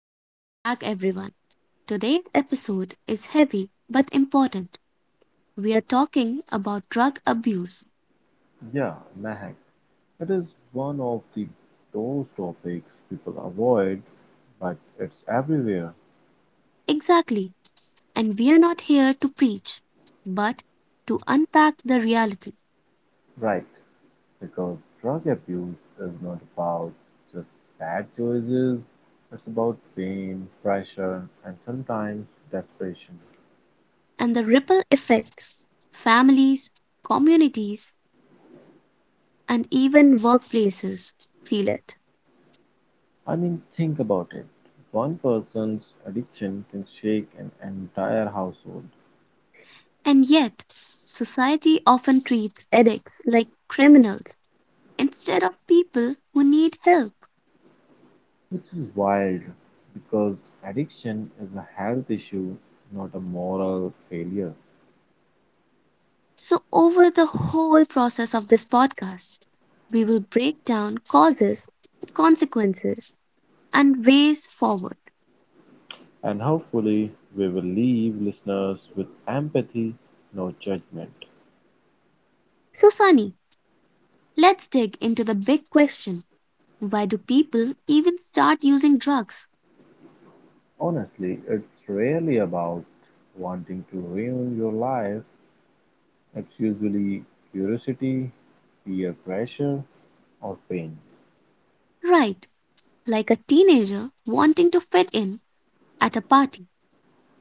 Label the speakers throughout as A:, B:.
A: Welcome back, everyone. Today's episode is heavy but important. We are talking about drug abuse.
B: Yeah, Mahak. It is one of the those topics people avoid, but it's everywhere,
A: Exactly. And we are not here to preach, but to unpack the reality
B: right? Because drug abuse is not about just bad choices, it's about pain, pressure, and sometimes desperation.
A: and the ripple effects families, communities, and even workplaces feel it.
B: I mean, think about it. One person's addiction can shake an entire household,
A: And yet, society often treats addicts like criminals instead of people who need help.
B: which is wild because addiction is a health issue, not a moral failure.
A: So, over the whole process of this podcast, we will break down causes, consequences, and ways forward.
B: And hopefully we will leave listeners with empathy, no judgment.
A: So, Sunny, let's dig into the big question, why do people even start using drugs?
B: Honestly, it's rarely about wanting to ruin your life. It's usually curiosity, peer pressure, or pain,
A: Right, like a teenager wanting to fit in at a party.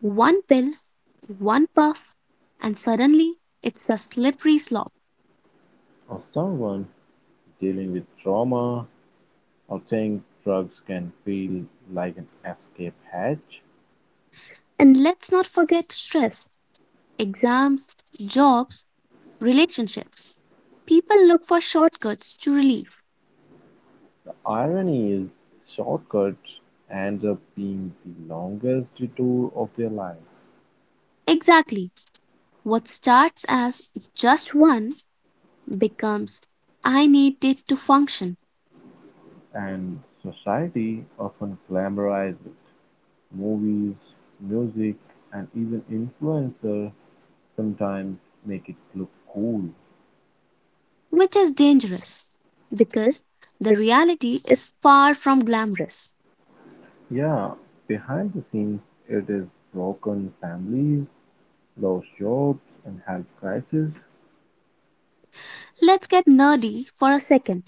A: One pill, one puff, and suddenly it's a slippery slope.
B: or someone dealing with trauma, or think drugs can feel like an escape hatch.
A: And let's not forget stress, exams, jobs, relationships. People look for shortcuts to relief.
B: The irony is, shortcuts end up being the longest detour of their life.
A: Exactly. What starts as just one becomes I need it to function,
B: And society often glamorizes it: movies, music, and even influencers sometimes make it look cool.
A: which is dangerous because the reality is far from glamorous.
B: Yeah, behind the scenes, it is broken families, lost jobs, and health crises
A: Let's get nerdy for a second.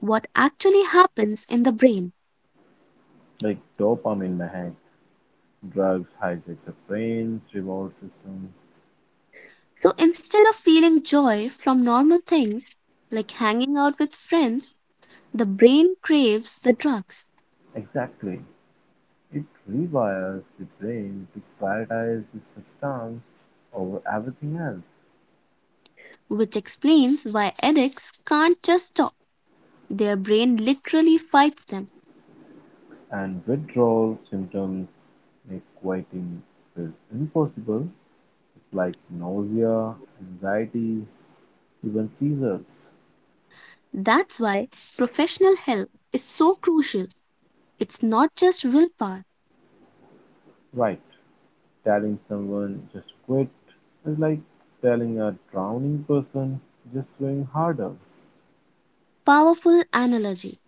A: What actually happens in the brain?
B: like dopamine mahang, drugs hijack the brain's reward system.
A: So instead of feeling joy from normal things like hanging out with friends, the brain craves the drugs.
B: Exactly, it rewires the brain to prioritize the substance over everything else.
A: Which explains why addicts can't just stop. Their brain literally fights them.
B: And withdrawal symptoms make quitting feel impossible. It's like nausea, anxiety, even seizures.
A: That's why professional help is so crucial. It's not just willpower.
B: Right, telling someone just quit is like telling a drowning person just swim harder.
A: Powerful analogy.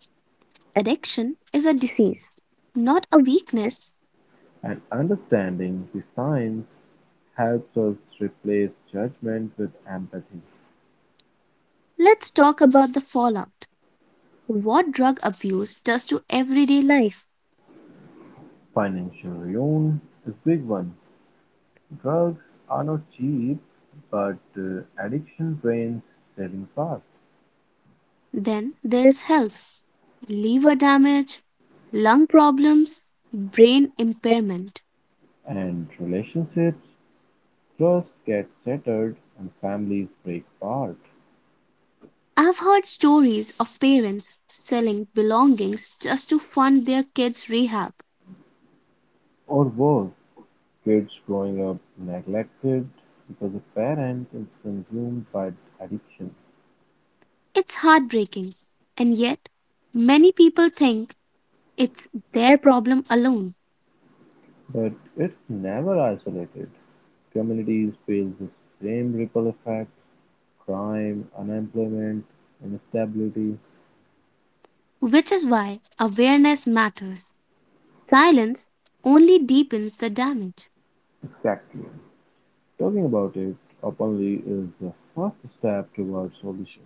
A: Addiction is a disease, not a weakness.
B: And understanding the signs helps us replace judgment with empathy.
A: Let's talk about the fallout. What drug abuse does to everyday life.
B: Financial ruin is a big one. Drugs are not cheap, but addiction drains savings fast,
A: Then there is health, liver damage, lung problems, brain impairment.
B: and relationships, trust gets shattered, and families break apart.
A: I've heard stories of parents selling belongings just to fund their kids' rehab.
B: Or worse, kids growing up neglected because a parent is consumed by addiction.
A: It's heartbreaking, and yet many people think it's their problem alone,
B: But it's never isolated. Communities feel the same ripple effects crime, unemployment, instability.
A: which is why awareness matters. Silence only deepens the damage.
B: Exactly. Talking about it openly is the first step towards solution.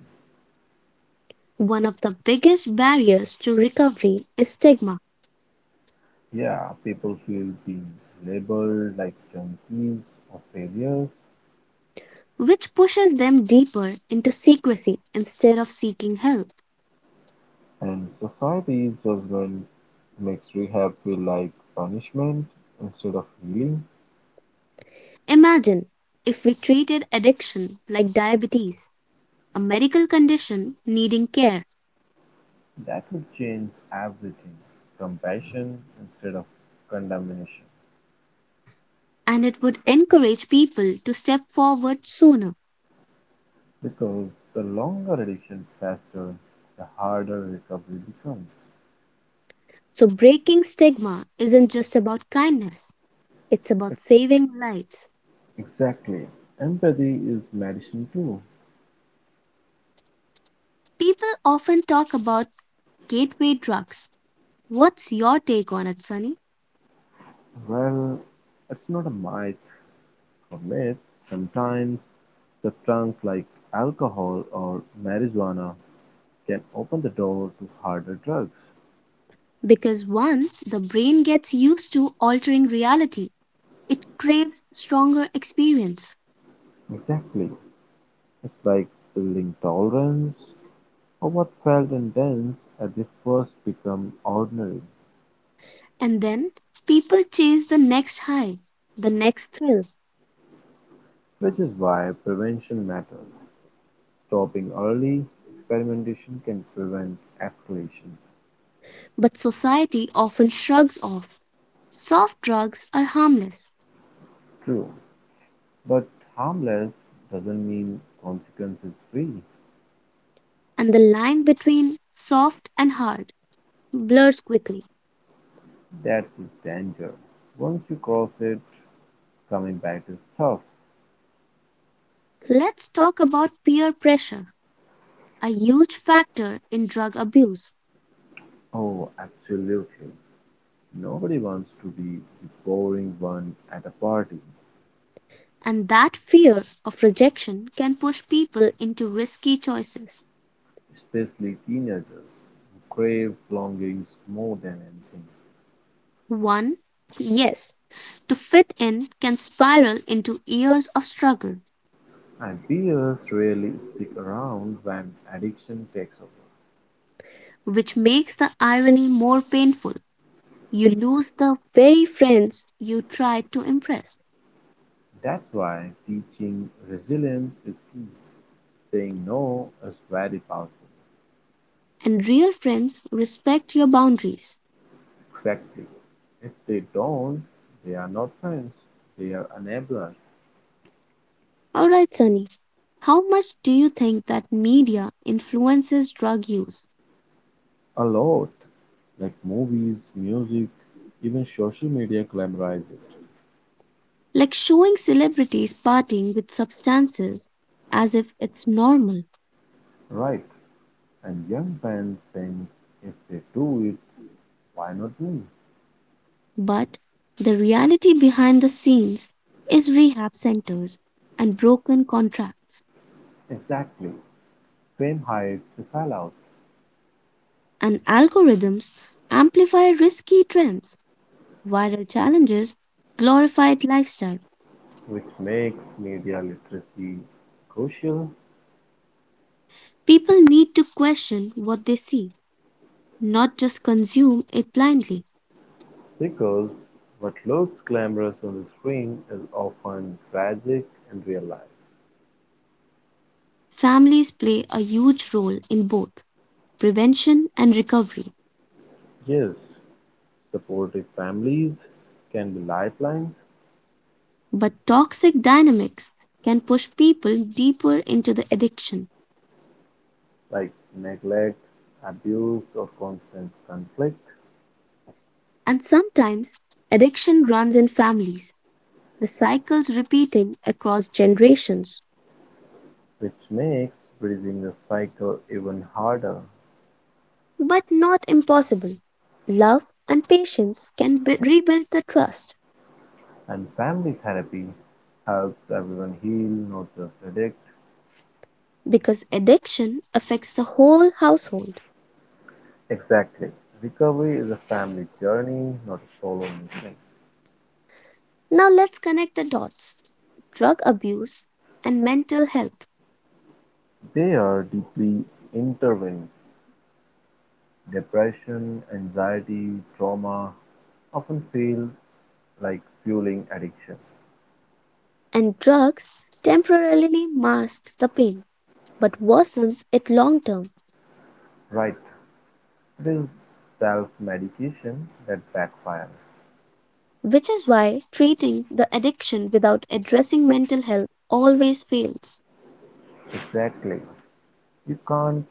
A: One of the biggest barriers to recovery is stigma,
B: Yeah, people feel being labeled like junkies or failures,
A: which pushes them deeper into secrecy instead of seeking help.
B: and society's judgment makes rehab feel like punishment instead of healing.
A: Imagine if we treated addiction like diabetes, a medical condition needing care,
B: That would change everything. Compassion instead of condemnation.
A: and it would encourage people to step forward sooner.
B: Because the longer addiction fester, the harder recovery becomes.
A: So, breaking stigma isn't just about kindness, it's about saving lives.
B: Exactly. Empathy is medicine too.
A: People often talk about gateway drugs. What's your take on it, Sunny?
B: Well, it's not a myth or myth. Sometimes substances like alcohol or marijuana can open the door to harder drugs.
A: Because once the brain gets used to altering reality, it craves stronger experience.
B: Exactly. It's like building tolerance or what felt intense at the first become ordinary,
A: And then people chase the next high, the next thrill,
B: which is why prevention matters. Stopping early experimentation can prevent escalation.
A: but society often shrugs off. Soft drugs are harmless,
B: True, but harmless doesn't mean consequences free.
A: and the line between soft and hard blurs quickly.
B: That's its danger. Once you cross it, coming back is tough.
A: Let's talk about peer pressure, a huge factor in drug abuse,
B: Oh, absolutely. Nobody wants to be the boring one at a party,
A: and that fear of rejection can push people into risky choices.
B: especially teenagers who crave belongings more than anything.
A: One, yes, to fit in can spiral into years of struggle,
B: And peers rarely stick around when addiction takes over.
A: which makes the irony more painful. You lose the very friends you tried to impress,
B: That's why teaching resilience is key. Saying no is very powerful.
A: and real friends respect your boundaries.
B: Exactly. If they don't, they are not friends, they are enablers.
A: All right, Sunny. How much do you think that media influences drug use?
B: A lot. Like movies, music, even social media glamorize it.
A: Like showing celebrities partying with substances as if it's normal,
B: Right. And young fans think if they do it, why not me?
A: but the reality behind the scenes is rehab centers and broken contracts
B: Exactly. Fame hides the fallout,
A: and algorithms amplify risky trends. Viral challenges, glorified lifestyle.
B: which makes media literacy crucial
A: People need to question what they see, not just consume it blindly.
B: because what looks glamorous on the screen is often tragic in real life.
A: Families play a huge role in both prevention and recovery,
B: Yes, supportive families can be lifelines,
A: but toxic dynamics can push people deeper into the addiction.
B: like neglect, abuse, or constant conflict,
A: And sometimes addiction runs in families, the cycles repeating across generations.
B: which makes bridging the cycle even harder.
A: But not impossible. Love and rebuild the trust.
B: And family therapy helps everyone heal, not just addict.
A: Because addiction affects the whole household.
B: Exactly. Recovery is a family journey, not a solo mission.
A: Now let's connect the dots, drug abuse and mental health.
B: They are deeply intertwined. Depression, anxiety, trauma often feel like fueling addiction.
A: And drugs temporarily masks the pain but worsens it long term,
B: Right. This self-medication that backfires.
A: which is why treating the addiction without addressing mental health always fails.
B: Exactly. You can't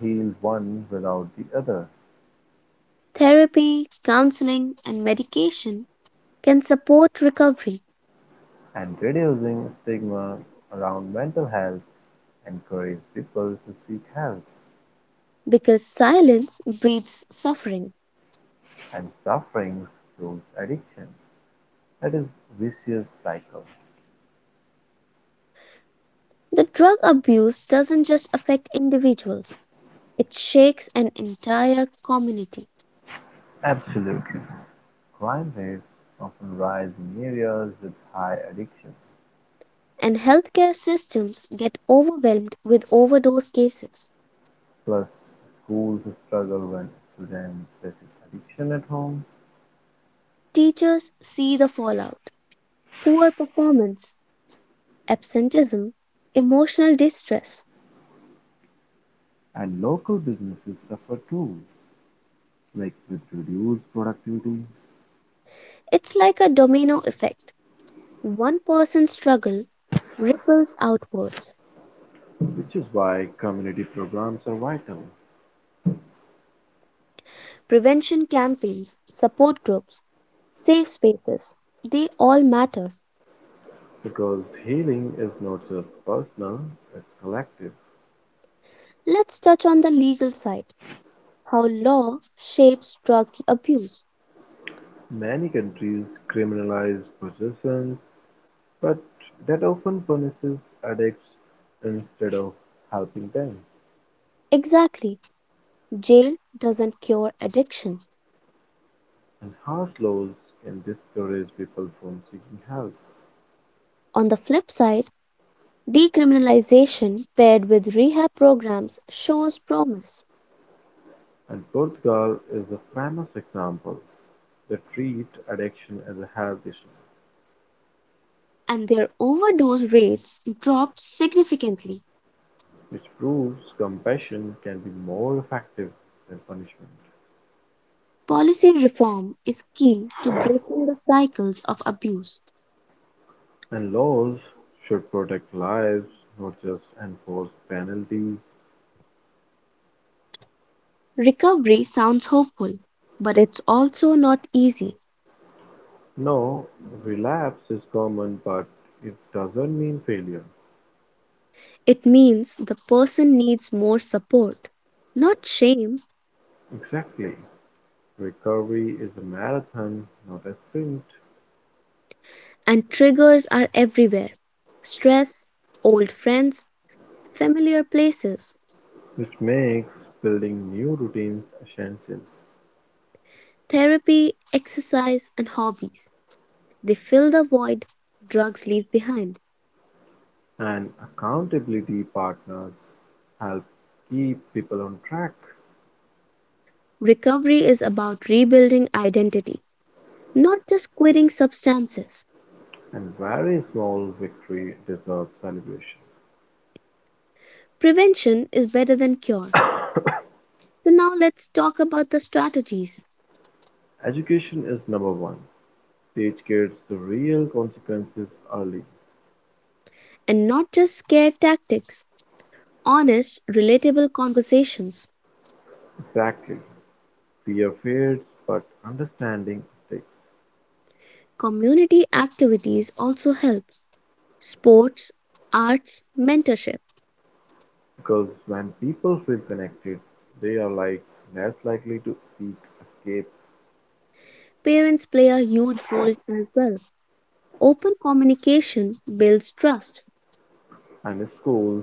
B: heal one without the other.
A: Therapy, counseling, and medication can support recovery
B: And reducing stigma around mental health encourages people to seek help
A: because silence breeds suffering.
B: and suffering fuels addiction. That is vicious cycle.
A: The drug abuse doesn't just affect individuals, it shakes an entire community,
B: Absolutely. Crime rates often rise in areas with high addiction.
A: and healthcare systems get overwhelmed with overdose cases.
B: Plus, schools struggle when students face addiction at home.
A: Teachers see the fallout, poor performance, absenteeism, emotional distress.
B: And local businesses suffer too, like with reduced productivity,
A: It's like a domino effect. One person's struggle ripples outwards.
B: which is why community programs are vital,
A: Prevention campaigns, support groups, safe spaces, they all matter.
B: because healing is not just personal, it's collective.
A: Let's touch on the legal side, how law shapes drug abuse.
B: Many countries criminalize possessions, but that often punishes addicts instead of helping them.
A: Exactly. Jail doesn't cure addiction.
B: And harsh laws can discourage people from seeking help.
A: On the flip side, decriminalization paired with rehab programs shows promise,
B: And Portugal is a famous example. They treat addiction as a health issue.
A: and their overdose rates dropped significantly.
B: Which proves compassion can be more effective than punishment,
A: Policy reform is key to breaking the cycles of abuse.
B: and laws should protect lives, not just enforce penalties.
A: Recovery sounds hopeful, but it's also not easy.
B: No, relapse is common, but it doesn't mean failure.
A: It means the person needs more support, not shame,
B: Exactly. Recovery is a marathon, not a sprint,
A: and triggers are everywhere, stress, old friends, familiar places,
B: which makes building new routines essential,
A: therapy, exercise, and hobbies. They fill the void drugs leave behind.
B: and accountability partners help keep people on track.
A: Recovery is about rebuilding identity, not just quitting substances.
B: And very small victory deserves celebration.
A: Prevention is better than cure. So, now let's talk about the strategies,
B: Education is number one. Teach kids the real consequences early.
A: and not just scare tactics. Honest, relatable conversations.
B: Exactly. Fear fades, but understanding sticks.
A: Community activities also help. Sports, arts, mentorship.
B: Because when people feel connected, they are like less likely to seek escape.
A: Parents play a huge role as well. Open communication builds trust.
B: And schools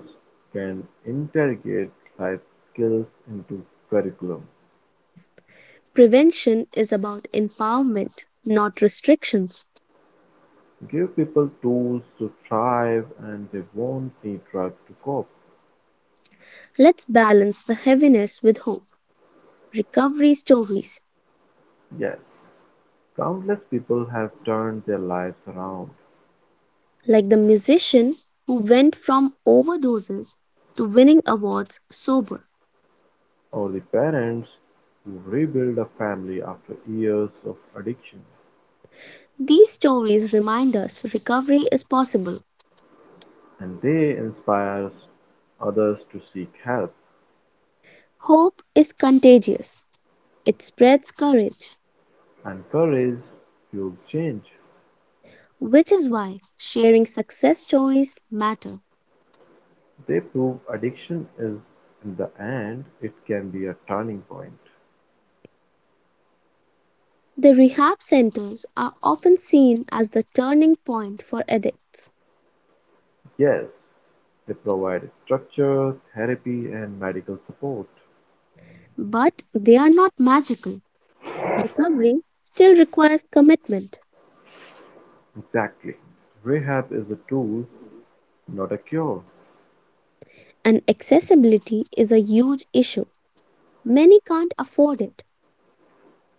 B: can integrate life skills into curriculum.
A: Prevention is about empowerment, not restrictions.
B: Give people tools to thrive, and they won't need drugs to cope.
A: Let's balance the heaviness with hope. Recovery stories,
B: Yes, countless people have turned their lives around,
A: like the musician who went from overdoses to winning awards sober.
B: only parents who rebuild a family after years of addiction,
A: These stories remind us recovery is possible.
B: and they inspire others to seek help.
A: Hope is contagious, it spreads courage,
B: And courage fuels change.
A: which is why sharing success stories matter.
B: They prove addiction is, in the end, it can be a turning point.
A: The rehab centers are often seen as the turning point for addicts,
B: Yes, they provide structure, therapy, and medical support.
A: but they are not magical. Recovery still requires commitment,
B: Exactly. Rehab is a tool, not a cure.
A: and accessibility is a huge issue. Many can't afford it.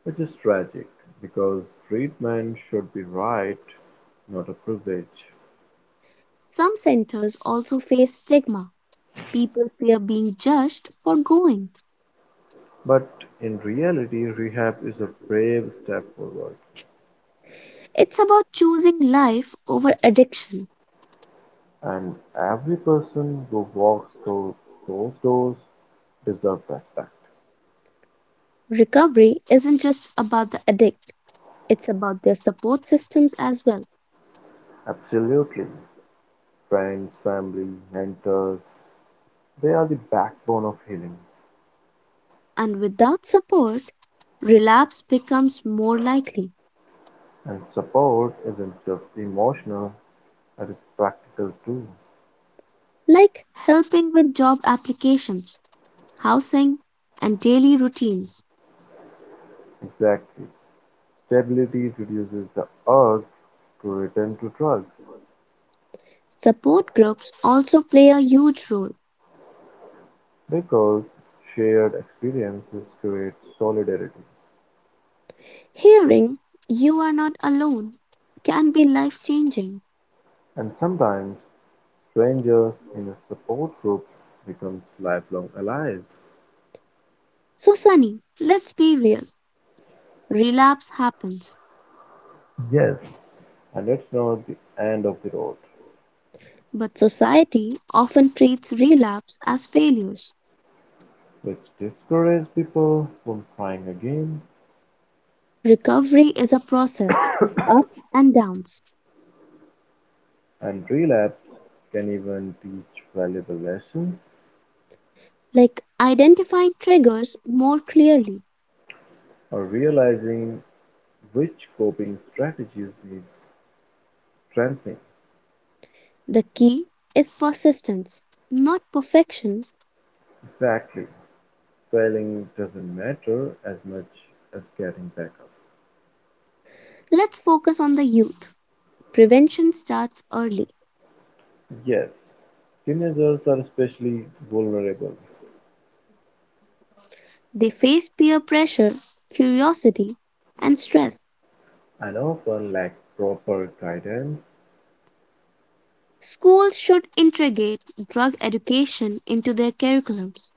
B: Which is tragic, because treatment should be right, not a privilege.
A: Some centers also face stigma. People fear being judged for going.
B: But in reality, rehab is a brave step forward,
A: It's about choosing life over addiction.
B: and every person who walks through those doors deserves respect.
A: Recovery isn't just about the addict, it's about their support systems as well.
B: Absolutely. Friends, family, mentors, they are the backbone of healing.
A: And without support, relapse becomes more likely,
B: And support isn't just emotional, it is practical too.
A: like helping with job applications, housing, and daily routines.
B: Exactly. Stability reduces the urge to return to drugs
A: Support groups also play a huge role.
B: because shared experiences create solidarity,
A: Hearing you are not alone can be life changing.
B: and sometimes strangers in a support group becomes lifelong allies.
A: So, Sunny, let's be real, relapse happens,
B: Yes, and it's not the end of the road,
A: but society often treats relapse as failures.
B: which discourages people from trying again.
A: Recovery is a process with ups and downs.
B: And relapse can even teach valuable lessons
A: Like identifying triggers more clearly.
B: or realizing which coping strategies need strengthening.
A: The key is persistence, not perfection.
B: Exactly, failing doesn't matter as much as getting back up.
A: Let's focus on the youth. Prevention starts early.
B: Yes, teenagers are especially vulnerable.
A: They face peer pressure, curiosity, and stress.
B: And often lack proper guidance.
A: Schools should integrate drug education into their curriculums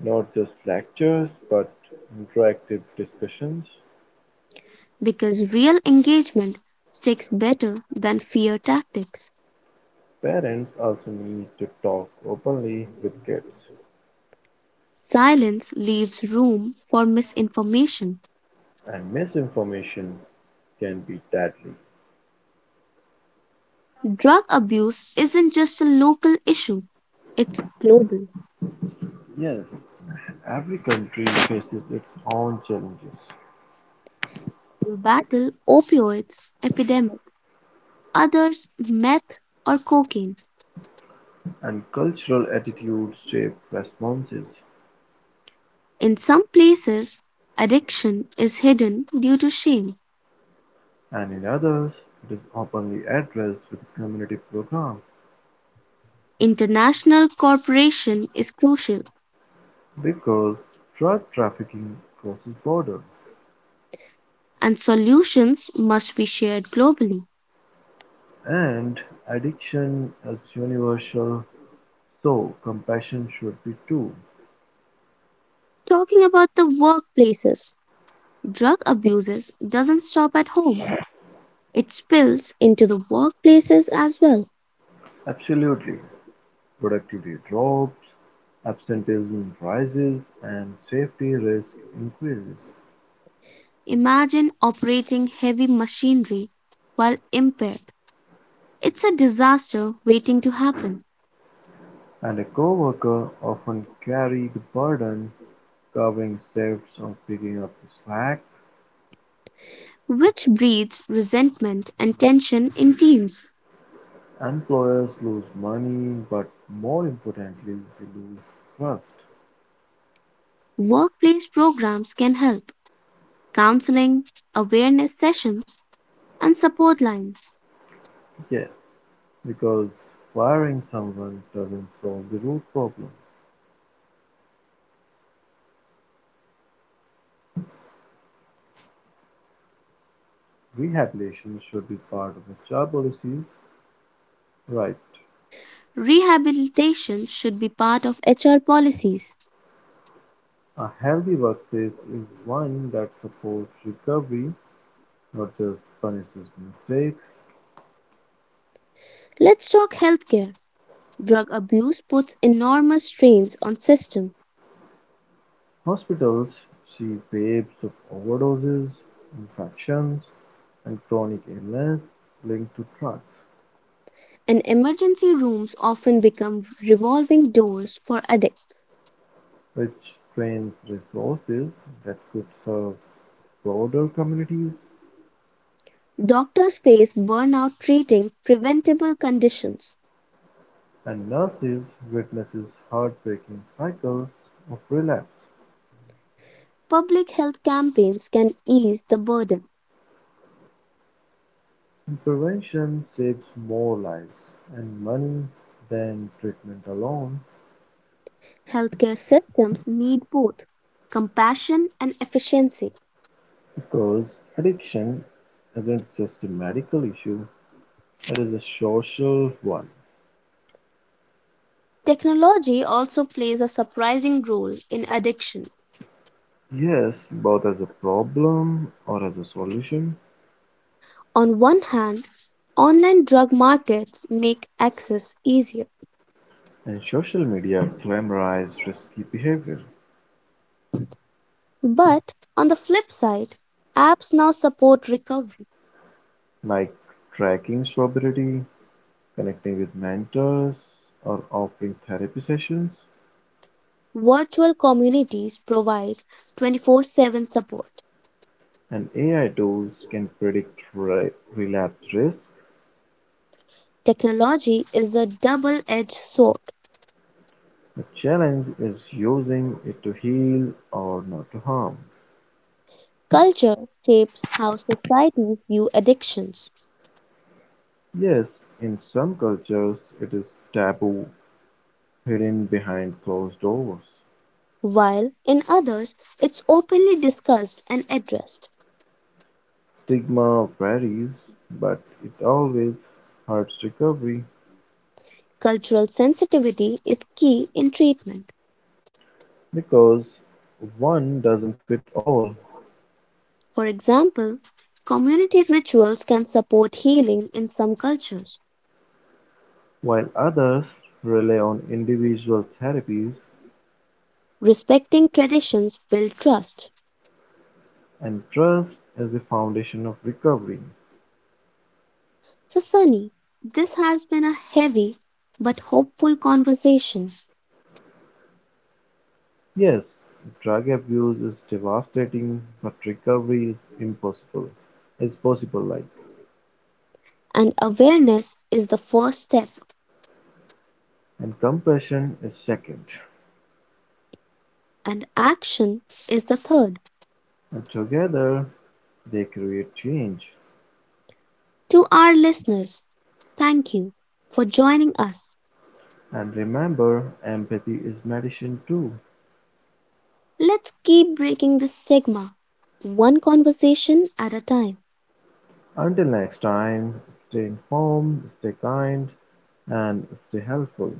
B: Not just lectures, but interactive discussions.
A: because real engagement sticks better than fear tactics.
B: Parents also need to talk openly with kids,
A: Silence leaves room for misinformation.
B: and misinformation can be deadly.
A: Drug abuse isn't just a local issue, it's global.
B: Yes, every country faces its own challenges,
A: We battle opioids epidemic, others meth or cocaine.
B: and cultural attitudes shape responses,
A: In some places, addiction is hidden due to shame.
B: and in others it is openly addressed with a community programs
A: International cooperation is crucial
B: because drug trafficking crosses borders
A: and solutions must be shared globally.
B: and addiction is universal, so compassion should be too.
A: Talking about the workplaces, drug abuses doesn't stop at home. It spills into the workplaces as well.
B: Absolutely, productivity drops, absenteeism rises, and safety risk increases,
A: Imagine operating heavy machinery while impaired. It's a disaster waiting to happen,
B: and a coworker often carry the burden covering shifts or picking up the slack,
A: which breeds resentment and tension in teams.
B: employers lose money, but more importantly, they lose trust.
A: Workplace programs can help, counseling, awareness sessions, and support lines.
B: Yes, because firing someone doesn't solve the root problem.
A: Rehabilitation should be part of HR policies.
B: Rehabilitation should be part of the job policy, right?
A: Rehabilitation should be part of HR policies.
B: A healthy workplace is one that supports recovery, not just punishes mistakes.
A: Let's talk healthcare. Drug abuse puts enormous strains on systems.
B: Hospitals see waves of overdoses, infections, and chronic illness linked to drugs,
A: And emergency rooms often become revolving doors for addicts.
B: which drains resources that could serve broader communities,
A: Doctors face burnout treating preventable conditions.
B: and nurses witnesses heartbreaking cycles of relapse.
A: Public health campaigns can ease the burden.
B: Prevention saves more lives and money than treatment alone
A: Healthcare systems need both compassion and efficiency.
B: because addiction isn't just a medical issue, it is a social one.
A: Technology also plays a surprising role in addiction.
B: Yes, both as a problem or as a solution.
A: On one hand, online drug markets make access easier.
B: And social media glamorized risky behavior,
A: But on the flip side, apps now support recovery.
B: like tracking sobriety, connecting with mentors, or offering therapy sessions.
A: Virtual communities provide 24/7 support.
B: And AI tools can predict relapse risk.
A: Technology is a double edged sword.
B: The challenge is using it to heal or not to harm.
A: Culture shapes how societies view addictions,
B: Yes, in some cultures it is taboo, hidden behind closed doors.
A: while in others it's openly discussed and addressed.
B: Stigma varies, but it always hurts recovery
A: Cultural sensitivity is key in treatment.
B: because one doesn't fit all.
A: For example, community rituals can support healing in some cultures.
B: While others rely on individual therapies
A: Respecting traditions builds trust.
B: and trust as the foundation of recovery.
A: So, Sunny, this has been a heavy but hopeful conversation,
B: Yes, drug abuse is devastating, but recovery is impossible. Is possible like
A: and awareness is the first step,
B: and compassion is second.
A: and action is the third.
B: And together they create change.
A: To our listeners, thank you for joining us.
B: And remember, empathy is medicine too.
A: Let's keep breaking this stigma, one conversation at a time.
B: Until next time, stay informed, stay kind, and stay helpful.